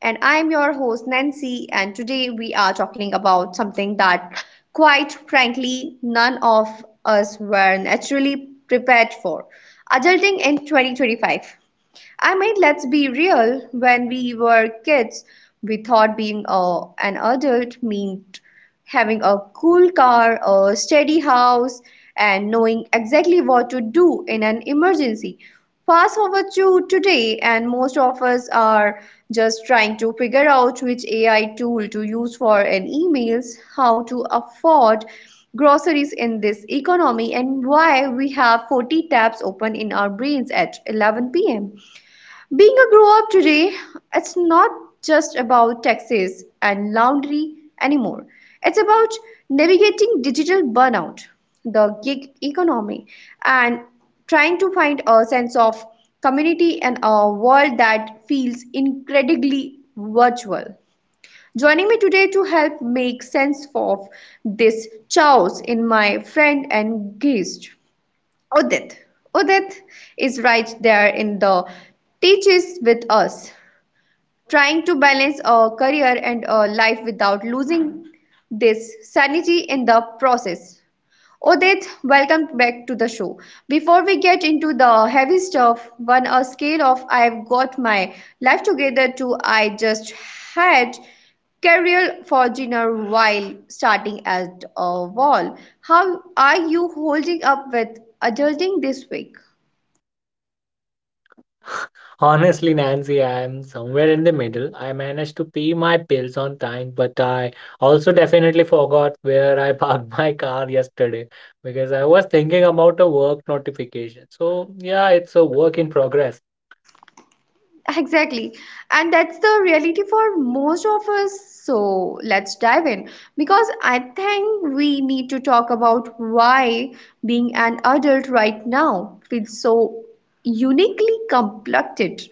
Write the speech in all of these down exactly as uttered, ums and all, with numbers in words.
And I'm your host Nancy, and today we are talking about something that, quite frankly, none of us were naturally prepared for: adulting in twenty twenty-five. I mean, let's be real. When we were kids, we thought being a, an adult meant having a cool car, a steady house, and knowing exactly what to do in an emergency. Fast forward to today, and most of us are just trying to figure out which A I tool to use for an emails, how to afford groceries in this economy, and why we have forty tabs open in our brains at eleven p m. Being a grow up today, it's not just about taxes and laundry anymore. It's about navigating digital burnout, the gig economy, and trying to find a sense of community in a world that feels incredibly virtual. Joining me today to help make sense of this chaos in my friend and guest. Udit. Udit is right there in the teaches with us, trying to balance a career and a life without losing this sanity in the process. Odit, welcome back to the show. Before we get into the heavy stuff, on a scale of I've got my life together to I just had career for dinner while starting at a wall. How are you holding up with adulting this week? Honestly, Nancy, I am somewhere in the middle. I managed to pay my bills on time, but I also definitely forgot where I parked my car yesterday because I was thinking about a work notification. So, yeah, it's a work in progress. Exactly. And that's the reality for most of us. So let's dive in because I think we need to talk about why being an adult right now feels so uniquely complected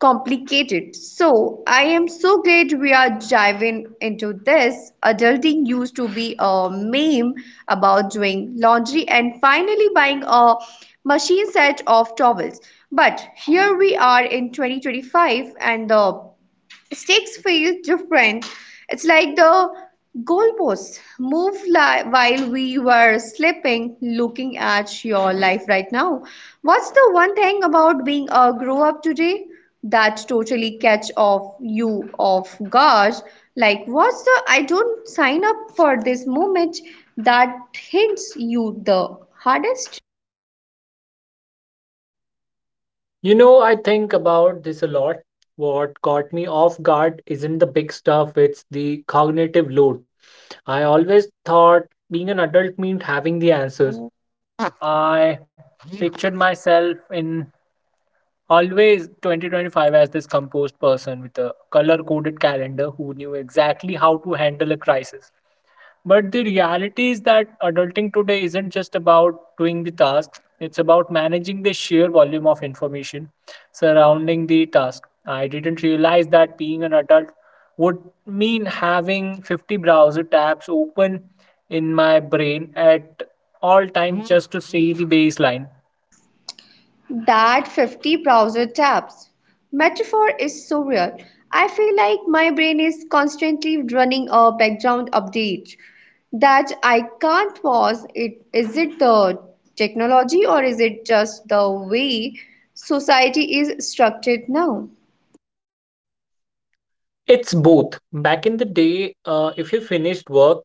complicated. So I am so glad we are diving into this. Adulting used to be a meme about doing laundry and finally buying a machine set of towels. But here we are in twenty twenty-five and the stakes feel different. It's like the goalposts move li- while we were sleeping, looking at your life right now. What's the one thing about being a grow up today that totally catch off you off guard? Like, what's the I don't sign up for this moment that hits you the hardest? You know, I think about this a lot. What caught me off guard isn't the big stuff, it's the cognitive load. I always thought being an adult meant having the That fifty browser tabs metaphor is so real. I feel like my brain is constantly running a background update that I can't pause. It is it the technology or is it just the way society is structured now? It's both. Back in the day, uh, if you finished work,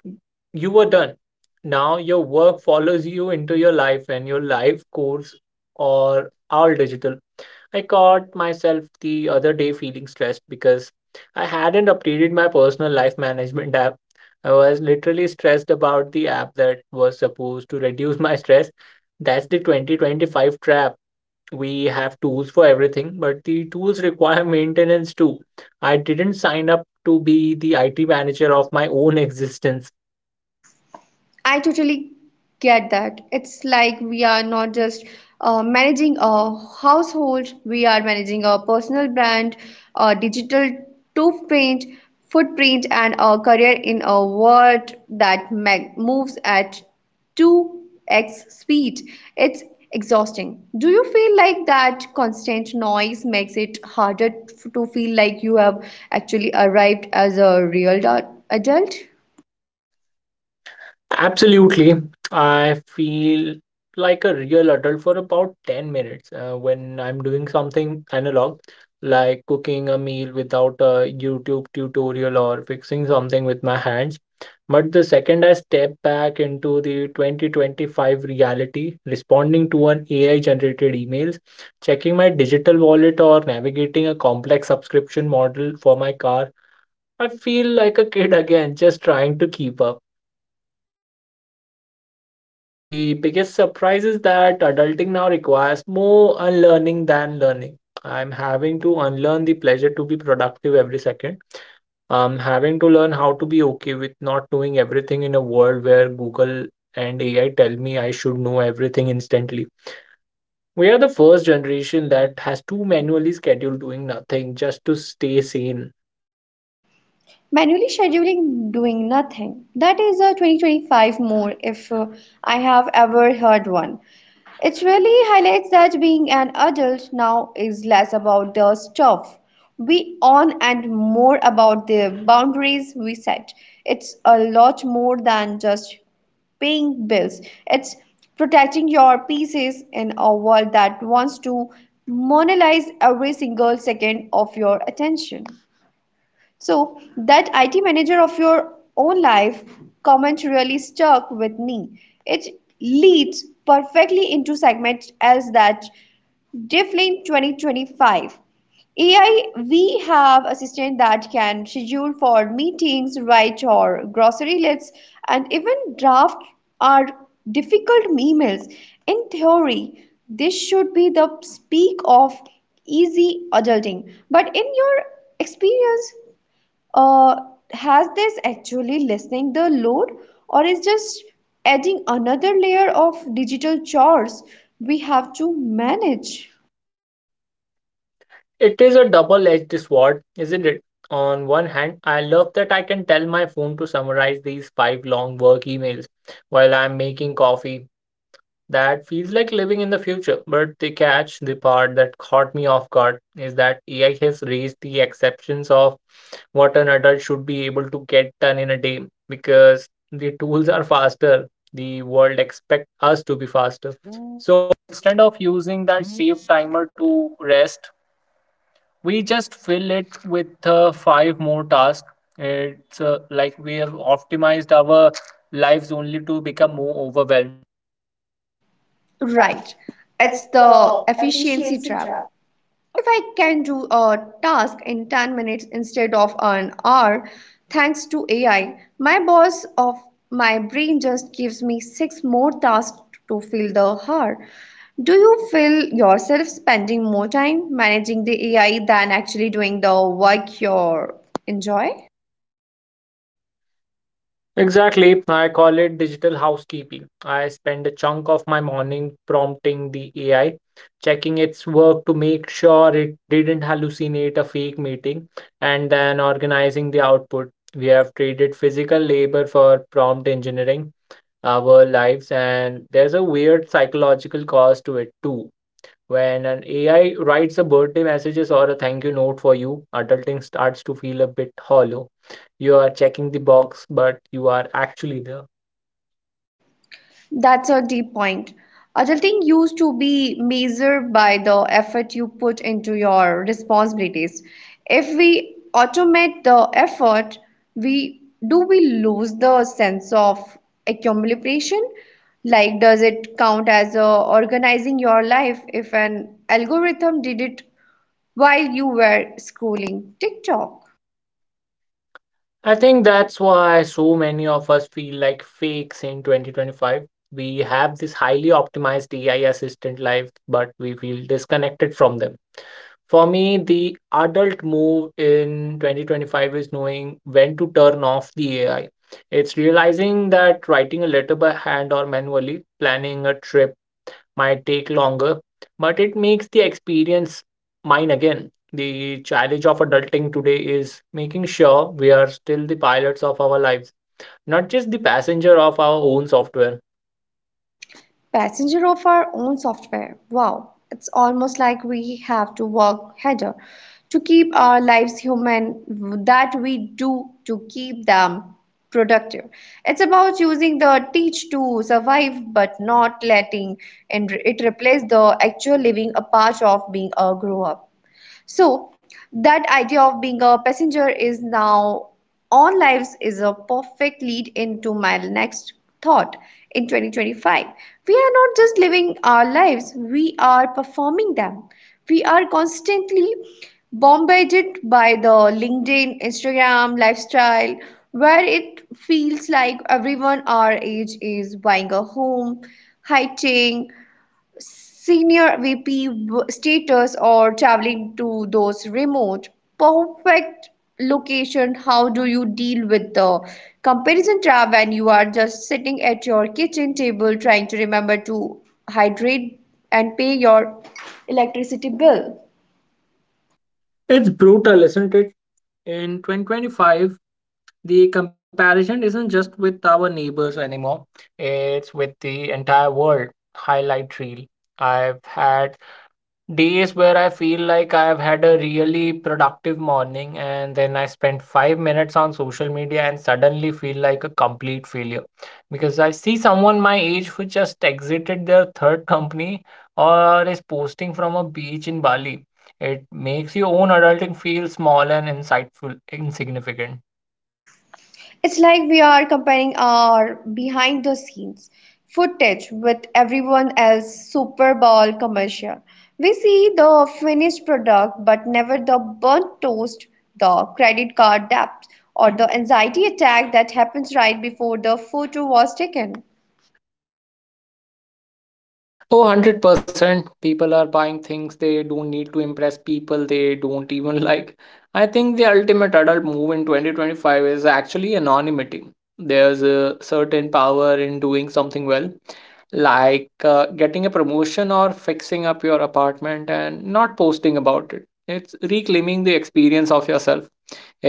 you were done. Now your work follows you into your life and your life course or all digital. I caught myself the other day feeling stressed because I hadn't updated my personal life management app. I was literally stressed about the app that was supposed to reduce my stress. That's the twenty twenty-five trap. We have tools for everything, but the tools require maintenance too. I didn't sign up to be the I T manager of my own existence. I totally get that. It's like we are not just uh, managing a household, we are managing a personal brand, a digital footprint, footprint, and a career in a world that mag- moves at two x speed. It's exhausting. Do you feel like that constant noise makes it harder to feel like you have actually arrived as a real da- adult? Absolutely. I feel like a real adult for about ten minutes uh, when I'm doing something analog, like cooking a meal without a YouTube tutorial or fixing something with my hands. But the second I step back into the twenty twenty-five reality, responding to an A I generated emails, checking my digital wallet, or navigating a complex subscription model for my car, I feel like a kid again, just trying to keep up. The biggest surprise is that adulting now requires more unlearning than learning. I'm having to unlearn the pleasure to be productive every second. I'm having to learn how to be okay with not knowing everything in a world where Google and A I tell me I should know everything instantly. We are the first generation that has to manually schedule doing nothing just to stay sane. Manually scheduling doing nothing, that is a twenty twenty-five more if uh, I have ever heard one. It really highlights that being an adult now is less about the stuff we own and more about the boundaries we set. It's a lot more than just paying bills, it's protecting your pieces in a world that wants to monopolize every single second of your attention. So that I T manager of your own life comment really stuck with me. It leads perfectly into segment as that Difflin twenty twenty-five. A I, we have assistant that can schedule for meetings, write or grocery lists, and even draft our difficult emails. In theory, this should be the speak of easy adulting. But in your experience, uh, has this actually lessening the load or is just adding another layer of digital chores we have to manage. It is a double-edged sword, isn't it? On one hand, I love that I can tell my phone to summarize these five long work emails while I'm making coffee. That feels like living in the future, but the catch, the part that caught me off guard, is that A I has raised the exceptions of what an adult should be able to get done in a day because the tools are faster. The world expects us to be faster. Right. It's It's the the efficiency efficiency trap. trap. If I can do a task in ten minutes instead of an hour, thanks to A I, my boss of my brain just gives me six more tasks to fill the hour. Do you feel yourself spending more time managing the A I than actually doing the work you enjoy? Exactly. I call it digital housekeeping. I spend a chunk of my morning prompting the A I, checking its work to make sure it didn't hallucinate a fake meeting, and then organizing the output. We have traded physical labor for prompt engineering our lives, and there's a weird psychological cost to it too. When an A I writes a birthday messages or a thank you note for you, adulting starts to feel a bit hollow. You are checking the box, but you are actually there. That's a deep point. Adulting used to be measured by the effort you put into your responsibilities. If we automate the effort, we do we lose the sense of accumulation? Like, does it count as uh, organizing your life if an algorithm did it while you were scrolling TikTok? I think that's why so many of us feel like fakes in twenty twenty-five. We have this highly optimized A I assistant life, but we feel disconnected from them. For me, the adult move in twenty twenty-five is knowing when to turn off the A I. It's realizing that writing a letter by hand or manually, planning a trip might take longer, but it makes the experience mine again. The challenge of adulting today is making sure we are still the pilots of our lives, not just the passenger of our own software. Passenger of our own software. Wow, it's almost like we have to work harder to keep our lives human that we do to keep them productive. It's about using the teach to survive but not letting and it replace the actual living a part of being a grow up. So that idea of being a passenger is now on lives is a perfect lead into my next thought in twenty twenty-five. We are not just living our lives, we are performing them. We are constantly bombarded by the LinkedIn, Instagram lifestyle where it feels like everyone our age is buying a home, hiking, senior V P status or traveling to those remote perfect location. How do you deal with the comparison trap when you are just sitting at your kitchen table trying to remember to hydrate and pay your electricity bill? It's brutal, isn't it? In twenty twenty-five, the comparison isn't just with our neighbors anymore, it's with the entire world. Highlight reel. I've had days where I feel like I've had a really productive morning, and then I spend five minutes on social media and suddenly feel like a complete failure because I see someone my age who just exited their third company or is posting from a beach in Bali. It makes your own adulting feel small and insightful, insignificant. It's like we are comparing our behind the scenes footage with everyone else's Super Bowl commercial. We see the finished product, but never the burnt toast, the credit card debt, or the anxiety attack that happens right before the photo was taken. Oh, one hundred percent. People are buying things they don't need to impress people they don't even like. I think the ultimate adult move in twenty twenty-five is actually anonymity. There's a certain power in doing something well, like uh, getting a promotion or fixing up your apartment and not posting about it. It's reclaiming the experience of yourself.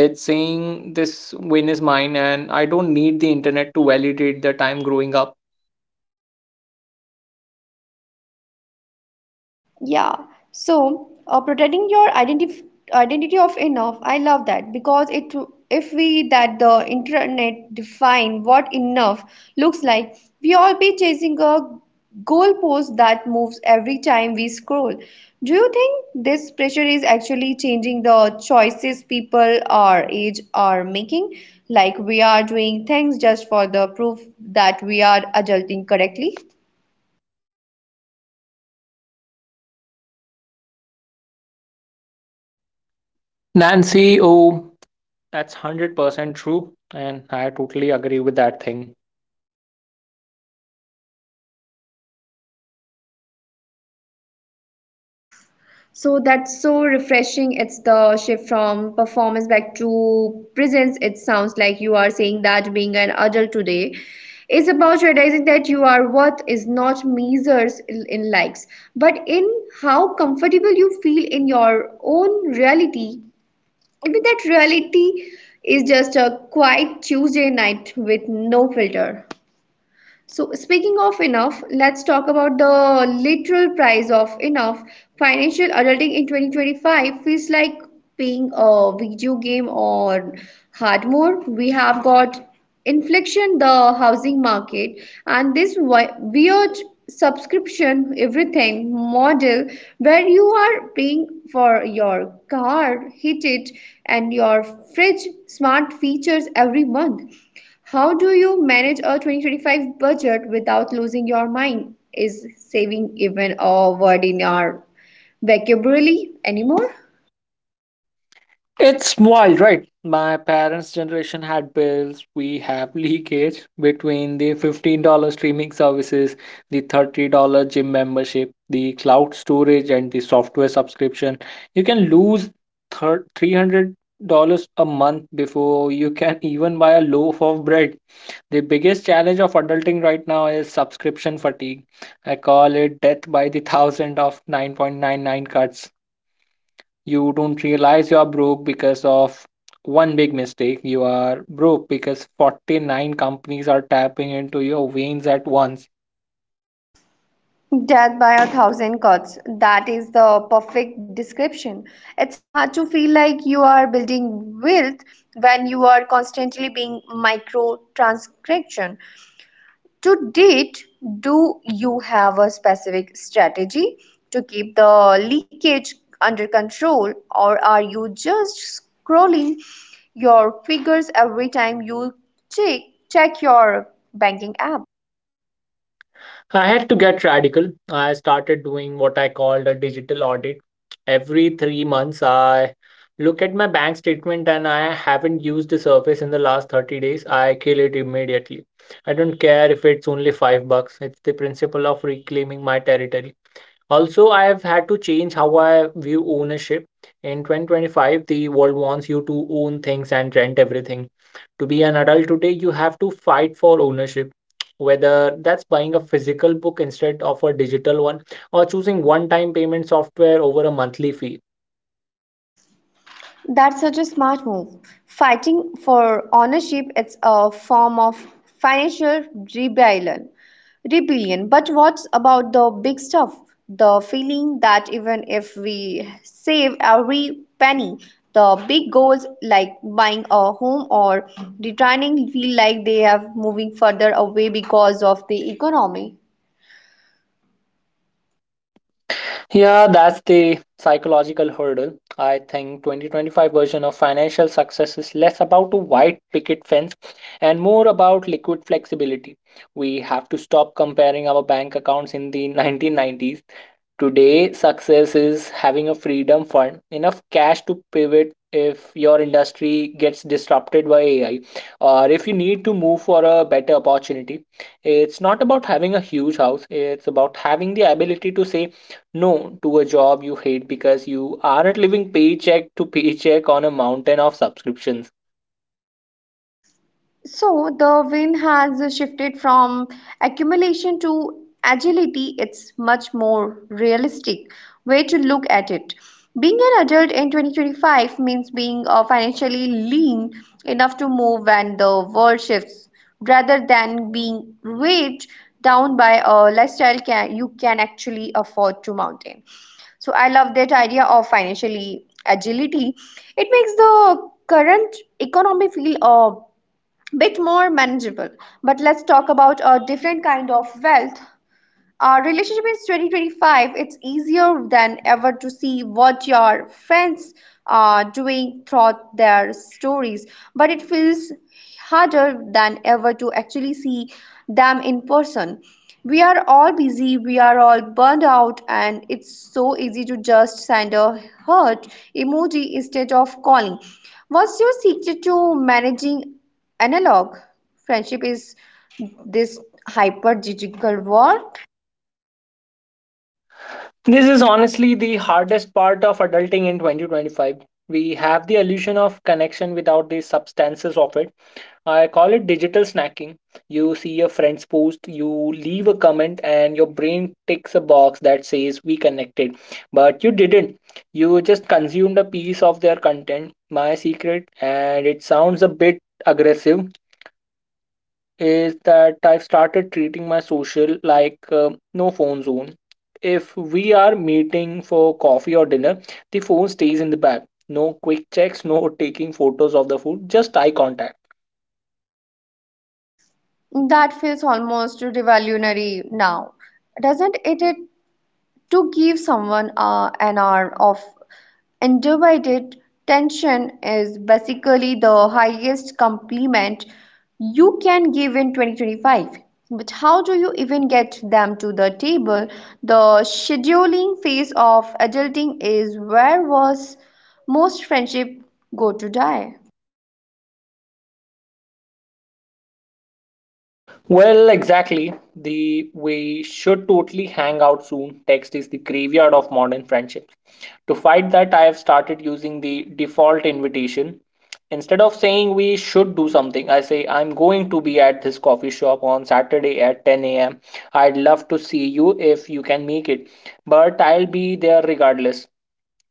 It's saying this win is mine and I don't need the internet to validate the time growing up. Yeah. So, uh, protecting your identity, identity of enough, I love that because it if we that the internet define what enough looks like, we all be chasing a goalpost that moves every time we scroll. Do you think this pressure is actually changing the choices people our age are making? Like we are doing things just for the proof that we are adulting correctly? Nancy, O that's one hundred percent true, and I totally agree with that thing. So that's so refreshing. It's the shift from performance back to presence. It sounds like you are saying that being an adult today is about realizing that you are worth is not measures in in likes, but in how comfortable you feel in your own reality. Even that reality is just a quiet Tuesday night with no filter. So, speaking of enough, let's talk about the literal price of enough. Financial adulting in twenty twenty-five feels like paying a video game or hardmore. We have got inflation, the housing market, and this wi- weird subscription everything model where you are paying for your car, heated, and your fridge smart features every month. How do you manage a twenty twenty-five budget without losing your mind? Is saving even a word in your vocabulary anymore? It's wild, right? My parents' generation had bills. We have leakage between the $15 dollars streaming services, the $30 dollars gym membership, the cloud storage, and the software subscription. You can lose three hundred dollars a month before you can even buy a loaf of bread. The biggest challenge of adulting right now is subscription fatigue. I call it death by the thousand of nine point nine nine cuts. You don't realize you are broke because of one big mistake. You are broke because forty-nine companies are tapping into your veins at once. Death by a thousand cuts. That is the perfect description. It's hard to feel like you are building wealth when you are constantly being micro transaction. To date, do you have a specific strategy to keep the leakage under control, or are you just scrolling your figures every time you check, check your banking app? I had to get radical. I started doing what I called a digital audit. Every three months, I look at my bank statement and I haven't used the service in the last thirty days. I kill it immediately. I don't care if it's only five bucks. It's the principle of reclaiming my territory. Also, I have had to change how I view ownership. In twenty twenty-five, the world wants you to own things and rent everything. To be an adult today, you have to fight for ownership, whether that's buying a physical book instead of a digital one or choosing one time payment software over a monthly fee. That's such a smart move. Fighting for ownership is a form of financial rebellion. Rebellion. But what's about the big stuff? The feeling that even if we save every penny, the big goals like buying a home or retiring feel like they are moving further away because of the economy. Yeah, that's the psychological hurdle. I think twenty twenty-five version of financial success is less about a white picket fence and more about liquid flexibility. We have to stop comparing our bank accounts in the nineteen nineties. Today, success is having a freedom fund, enough cash to pivot if your industry gets disrupted by A I or if you need to move for a better opportunity. It's not about having a huge house, it's about having the ability to say no, to a job you hate because you aren't living paycheck to paycheck on a mountain of subscriptions. So the win has shifted from accumulation to agility. It's much more realistic way to look at it. Being an adult in twenty twenty-five means being uh, financially lean enough to move when the world shifts, rather than being weighed down by a lifestyle can, you can actually afford to maintain. So I love that idea of financially agility. It makes the current economy feel uh, bit more manageable, but let's talk about a different kind of wealth, uh, relationship in twenty twenty-five. It's easier than ever to see what your friends are doing through their stories, but it feels harder than ever to actually see them in person. We are all busy, we are all burned out, and it's so easy to just send a hurt emoji instead of calling. What's your secret to managing analog friendship is this hyper digital world? This is honestly the hardest part of adulting in twenty twenty-five. We have the illusion of connection without the substances of it. I call it digital snacking. You see a friend's post, you leave a comment, and your brain ticks a box that says we connected. But you didn't. You just consumed a piece of their content. My secret, and it sounds a bit aggressive, is that I've started treating my social like uh, no phone zone. If we are meeting for coffee or dinner, the phone stays in the bag. No quick checks, no taking photos of the food, just eye contact. That feels almost revolutionary now, doesn't it? It to give someone uh, an hour of undivided tension is basically the highest compliment you can give in twenty twenty-five. But how do you even get them to the table? The scheduling phase of adulting is where was most friendship go to die. Well, exactly. The we should totally hang out soon text is the graveyard of modern friendships. To fight that, I have started using the default invitation. Instead of saying we should do something, I say I'm going to be at this coffee shop on Saturday at ten a m. I'd love to see you if you can make it, but I'll be there regardless.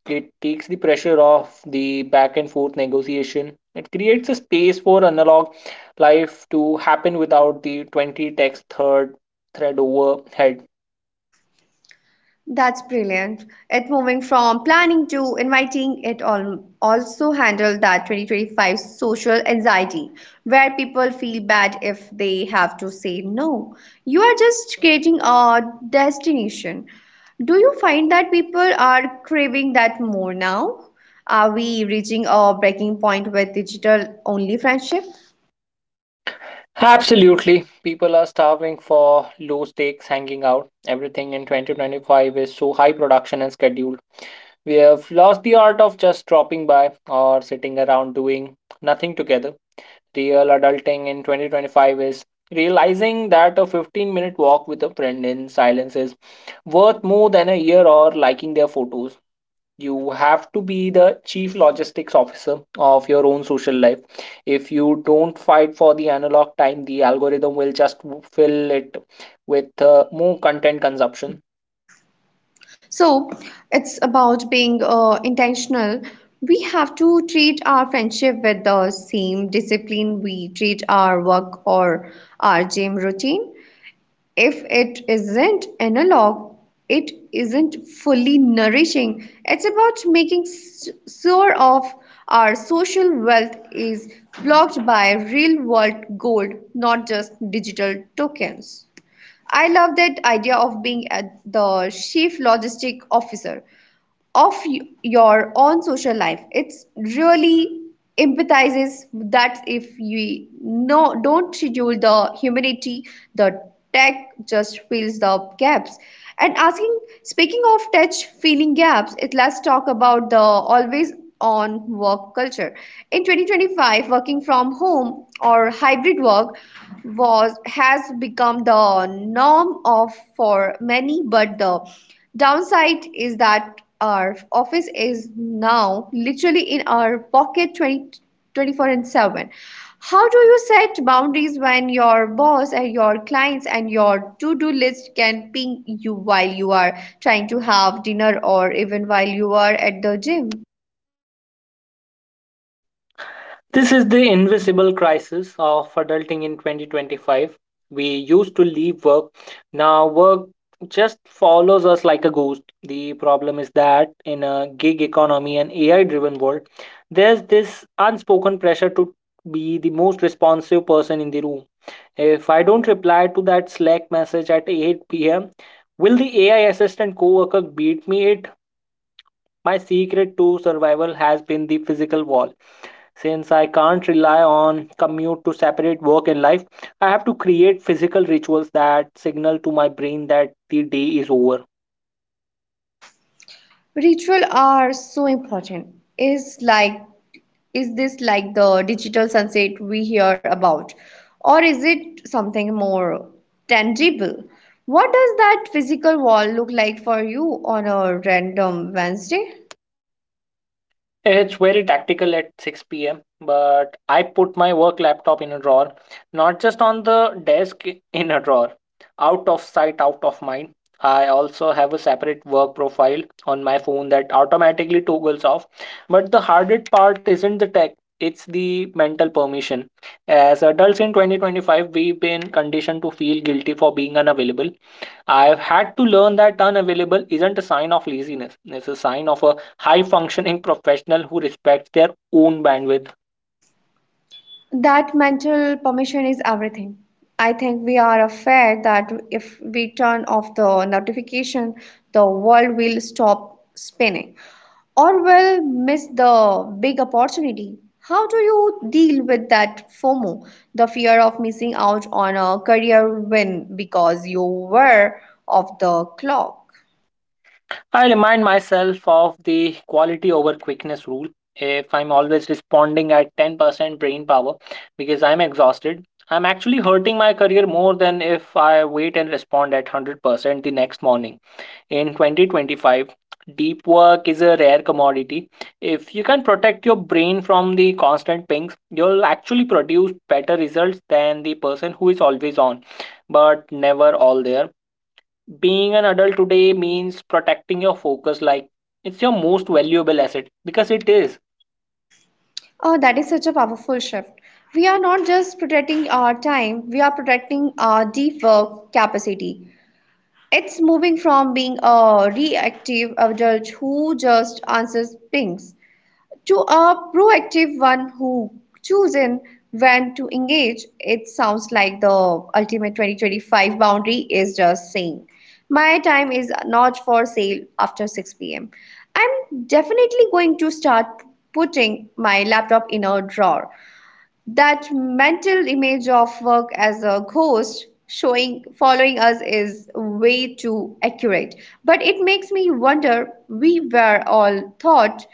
It takes the pressure off the back and forth negotiation. It creates a space for analog life to happen without the twenty text third thread overhead. That's brilliant. It moving from planning to inviting, it al- also handled that twenty twenty-five social anxiety where people feel bad if they have to say no. You are just creating a destination. Do you find that people are craving that more now? Are we reaching a breaking point with digital only friendship? Absolutely. People are starving for low stakes hanging out. Everything in twenty twenty-five is so high production and scheduled. We have lost the art of just dropping by or sitting around doing nothing together. Real adulting in twenty twenty-five is realizing that a fifteen minute walk with a friend in silence is worth more than a year or liking their photos. You have to be the chief logistics officer of your own social life. If you don't fight for the analog time, the algorithm will just fill it with uh, more content consumption. So it's about being uh, intentional. We have to treat our friendship with the same discipline we treat our work or our gym routine. If it isn't analog, it isn't fully nourishing. It's about making s- sure of our social wealth is blocked by real world gold, not just digital tokens. I love that idea of being at the chief logistic officer of y- your own social life. It's really empathizes that if you no don't schedule the humanity, the tech just fills the gaps. And asking speaking of tech filling gaps, it let's talk about the always on work culture. In twenty twenty-five, working from home or hybrid work was has become the norm of for many, but the downside is that our office is now literally in our pocket twenty, twenty four seven. How do you set boundaries when your boss and your clients and your to-do list can ping you while you are trying to have dinner or even while you are at the gym? This is the invisible crisis of adulting in twenty twenty-five. We used to leave work. Now work just follows us like a ghost. The problem is that in a gig economy and AI driven world, there's this unspoken pressure to be the most responsive person in the room. If I don't reply to that Slack message at eight p m, will the A I assistant coworker beat me it? My secret to survival has been the physical wall. Since I can't rely on commute to separate work and life, I have to create physical rituals that signal to my brain that the day is over. Ritual are so important. It's like, is this like the digital sunset we hear about? Or is it something more tangible? What does that physical wall look like for you on a random Wednesday? It's very tactical at six p m, but I put my work laptop in a drawer, not just on the desk in a drawer. Out of sight, out of mind. I also have a separate work profile on my phone that automatically toggles off. But the hardest part isn't the tech, it's the mental permission. As adults in twenty twenty-five, we've been conditioned to feel guilty for being unavailable. I've had to learn that unavailable isn't a sign of laziness, it's a sign of a high functioning professional who respects their own bandwidth. That mental permission is everything. I think we are afraid that if we turn off the notification, the world will stop spinning or will miss the big opportunity. How do you deal with that FOMO, the fear of missing out on a career win because you were off the clock? I remind myself of the quality over quickness rule. If I'm always responding at ten percent brain power because I'm exhausted, I'm actually hurting my career more than if I wait and respond at one hundred percent the next morning. In twenty twenty-five, deep work is a rare commodity. If you can protect your brain from the constant pings, you'll actually produce better results than the person who is always on, but never all there. Being an adult today means protecting your focus like it's your most valuable asset because it is. Oh, that is such a powerful shift. We are not just protecting our time, we are protecting our deep work capacity. It's moving from being a reactive adult who just answers pings to a proactive one who chooses when to engage. It sounds like the ultimate twenty twenty-five boundary is just saying, my time is not for sale after six p m. I'm definitely going to start putting my laptop in a drawer. That mental image of work as a ghost showing following us is way too accurate. But it makes me wonder, we were all taught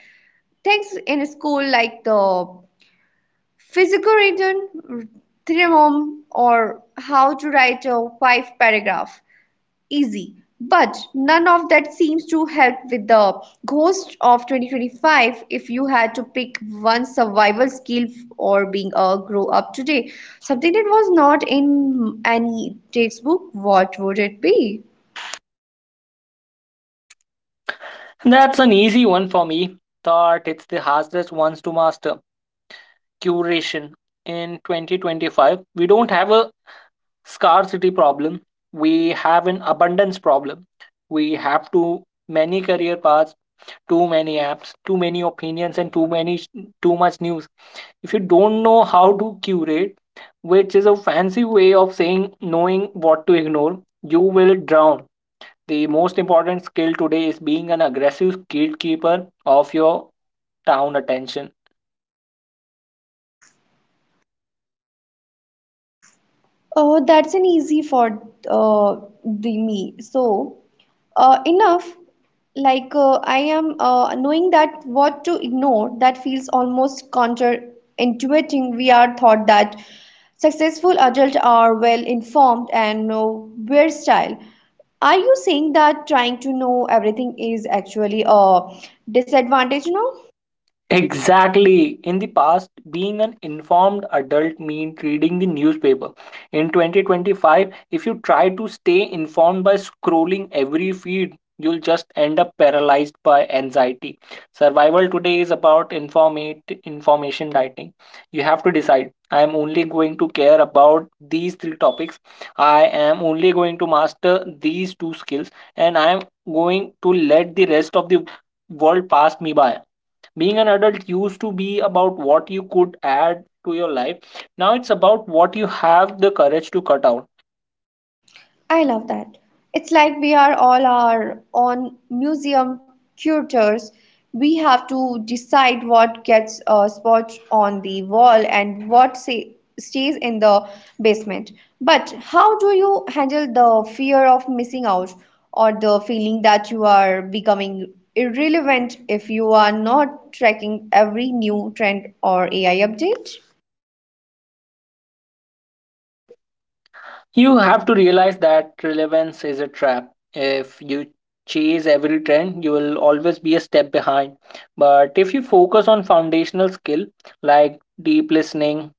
things in school like the physical written theorem or how to write a five paragraph easy. But none of that seems to help with the ghost of twenty twenty-five. If you had to pick one survival skill f- or being a grow up today, something that was not in any textbook, what would it be? That's an easy one for me. Thought it's the hardest ones to master. Curation. In twenty twenty-five, we don't have a scarcity problem, we have an abundance problem. We have too many career paths, too many apps, too many opinions, and too many too much news. If you don't know how to curate, which is a fancy way of saying knowing what to ignore, you will drown. The most important skill today is being an aggressive gatekeeper of your town attention. Oh, that's an easy for uh, the me. So uh, enough like uh, I am uh, Knowing that what to ignore, that feels almost counterintuitive. We are taught that successful adults are well informed and know their style. Are you saying that trying to know everything is actually a disadvantage now? Exactly. In the past, being an informed adult meant reading the newspaper. In twenty twenty-five, if you try to stay informed by scrolling every feed, you'll just end up paralyzed by anxiety. Survival today is about informate information dieting. You have to decide. I am only going to care about these three topics. I am only going to master these two skills, and I am going to let the rest of the world pass me by. Being an adult used to be about what you could add to your life. Now it's about what you have the courage to cut out. I love that. It's like we are all our own museum curators. We have to decide what gets uh, spot on the wall and what say, stays in the basement. But how do you handle the fear of missing out or the feeling that you are becoming irrelevant if you are not tracking every new trend or A I update? You have to realize that relevance is a trap. If you chase every trend, you will always be a step behind, but if you focus on foundational skill, like deep listening,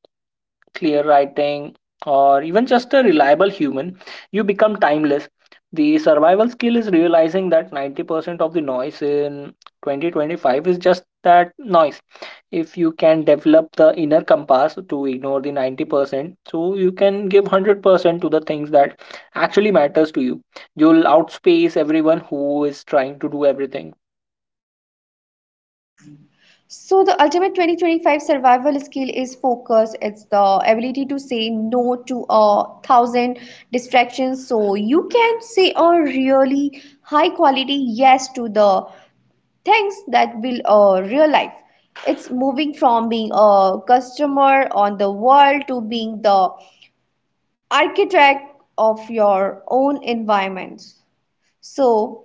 clear writing, or even just a reliable human, you become timeless. The survival skill is realizing that ninety percent of the noise in twenty twenty-five is just that, noise. If you can develop the inner compass to ignore the ninety percent, so you can give one hundred percent to the things that actually matters to you. You'll outspace everyone who is trying to do everything. So the ultimate twenty twenty-five survival skill is focus. It's the ability to say no to a thousand distractions, so you can say a really high quality yes to the things that build a real life. It's moving from being a customer on the world to being the architect of your own environment. So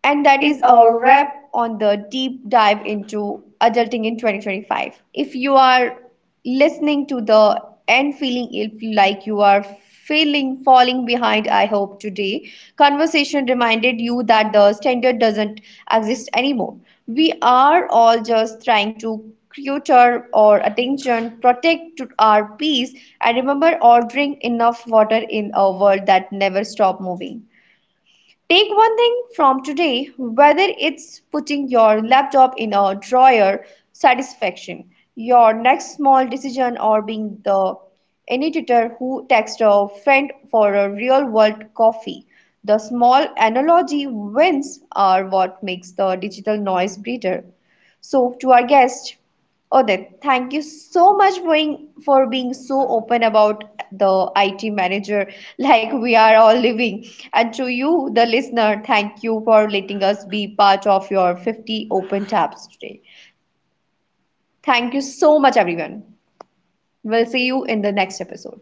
And and that that is is a a wrap. wrap on the deep dive into adulting in twenty twenty-five. If you are listening to the and feeling if like you are feeling falling behind, I hope today conversation reminded you that the standard doesn't exist anymore. We are all just trying to cuter our attention, protect to our peace, and remember ordering enough water in a world that never stop moving. Take one thing from today, whether it's putting your laptop in a drawer, satisfaction, your next small decision, or being the editor who texts a friend for a real world coffee. The small analogy wins are what makes the digital noise breather. So, to our guest, Odit, thank you so much for being, for being so open about the I T manager like we are all living. And to you, the listener, thank you for letting us be part of your fifty open tabs today. Thank you so much, everyone. We'll see you in the next episode.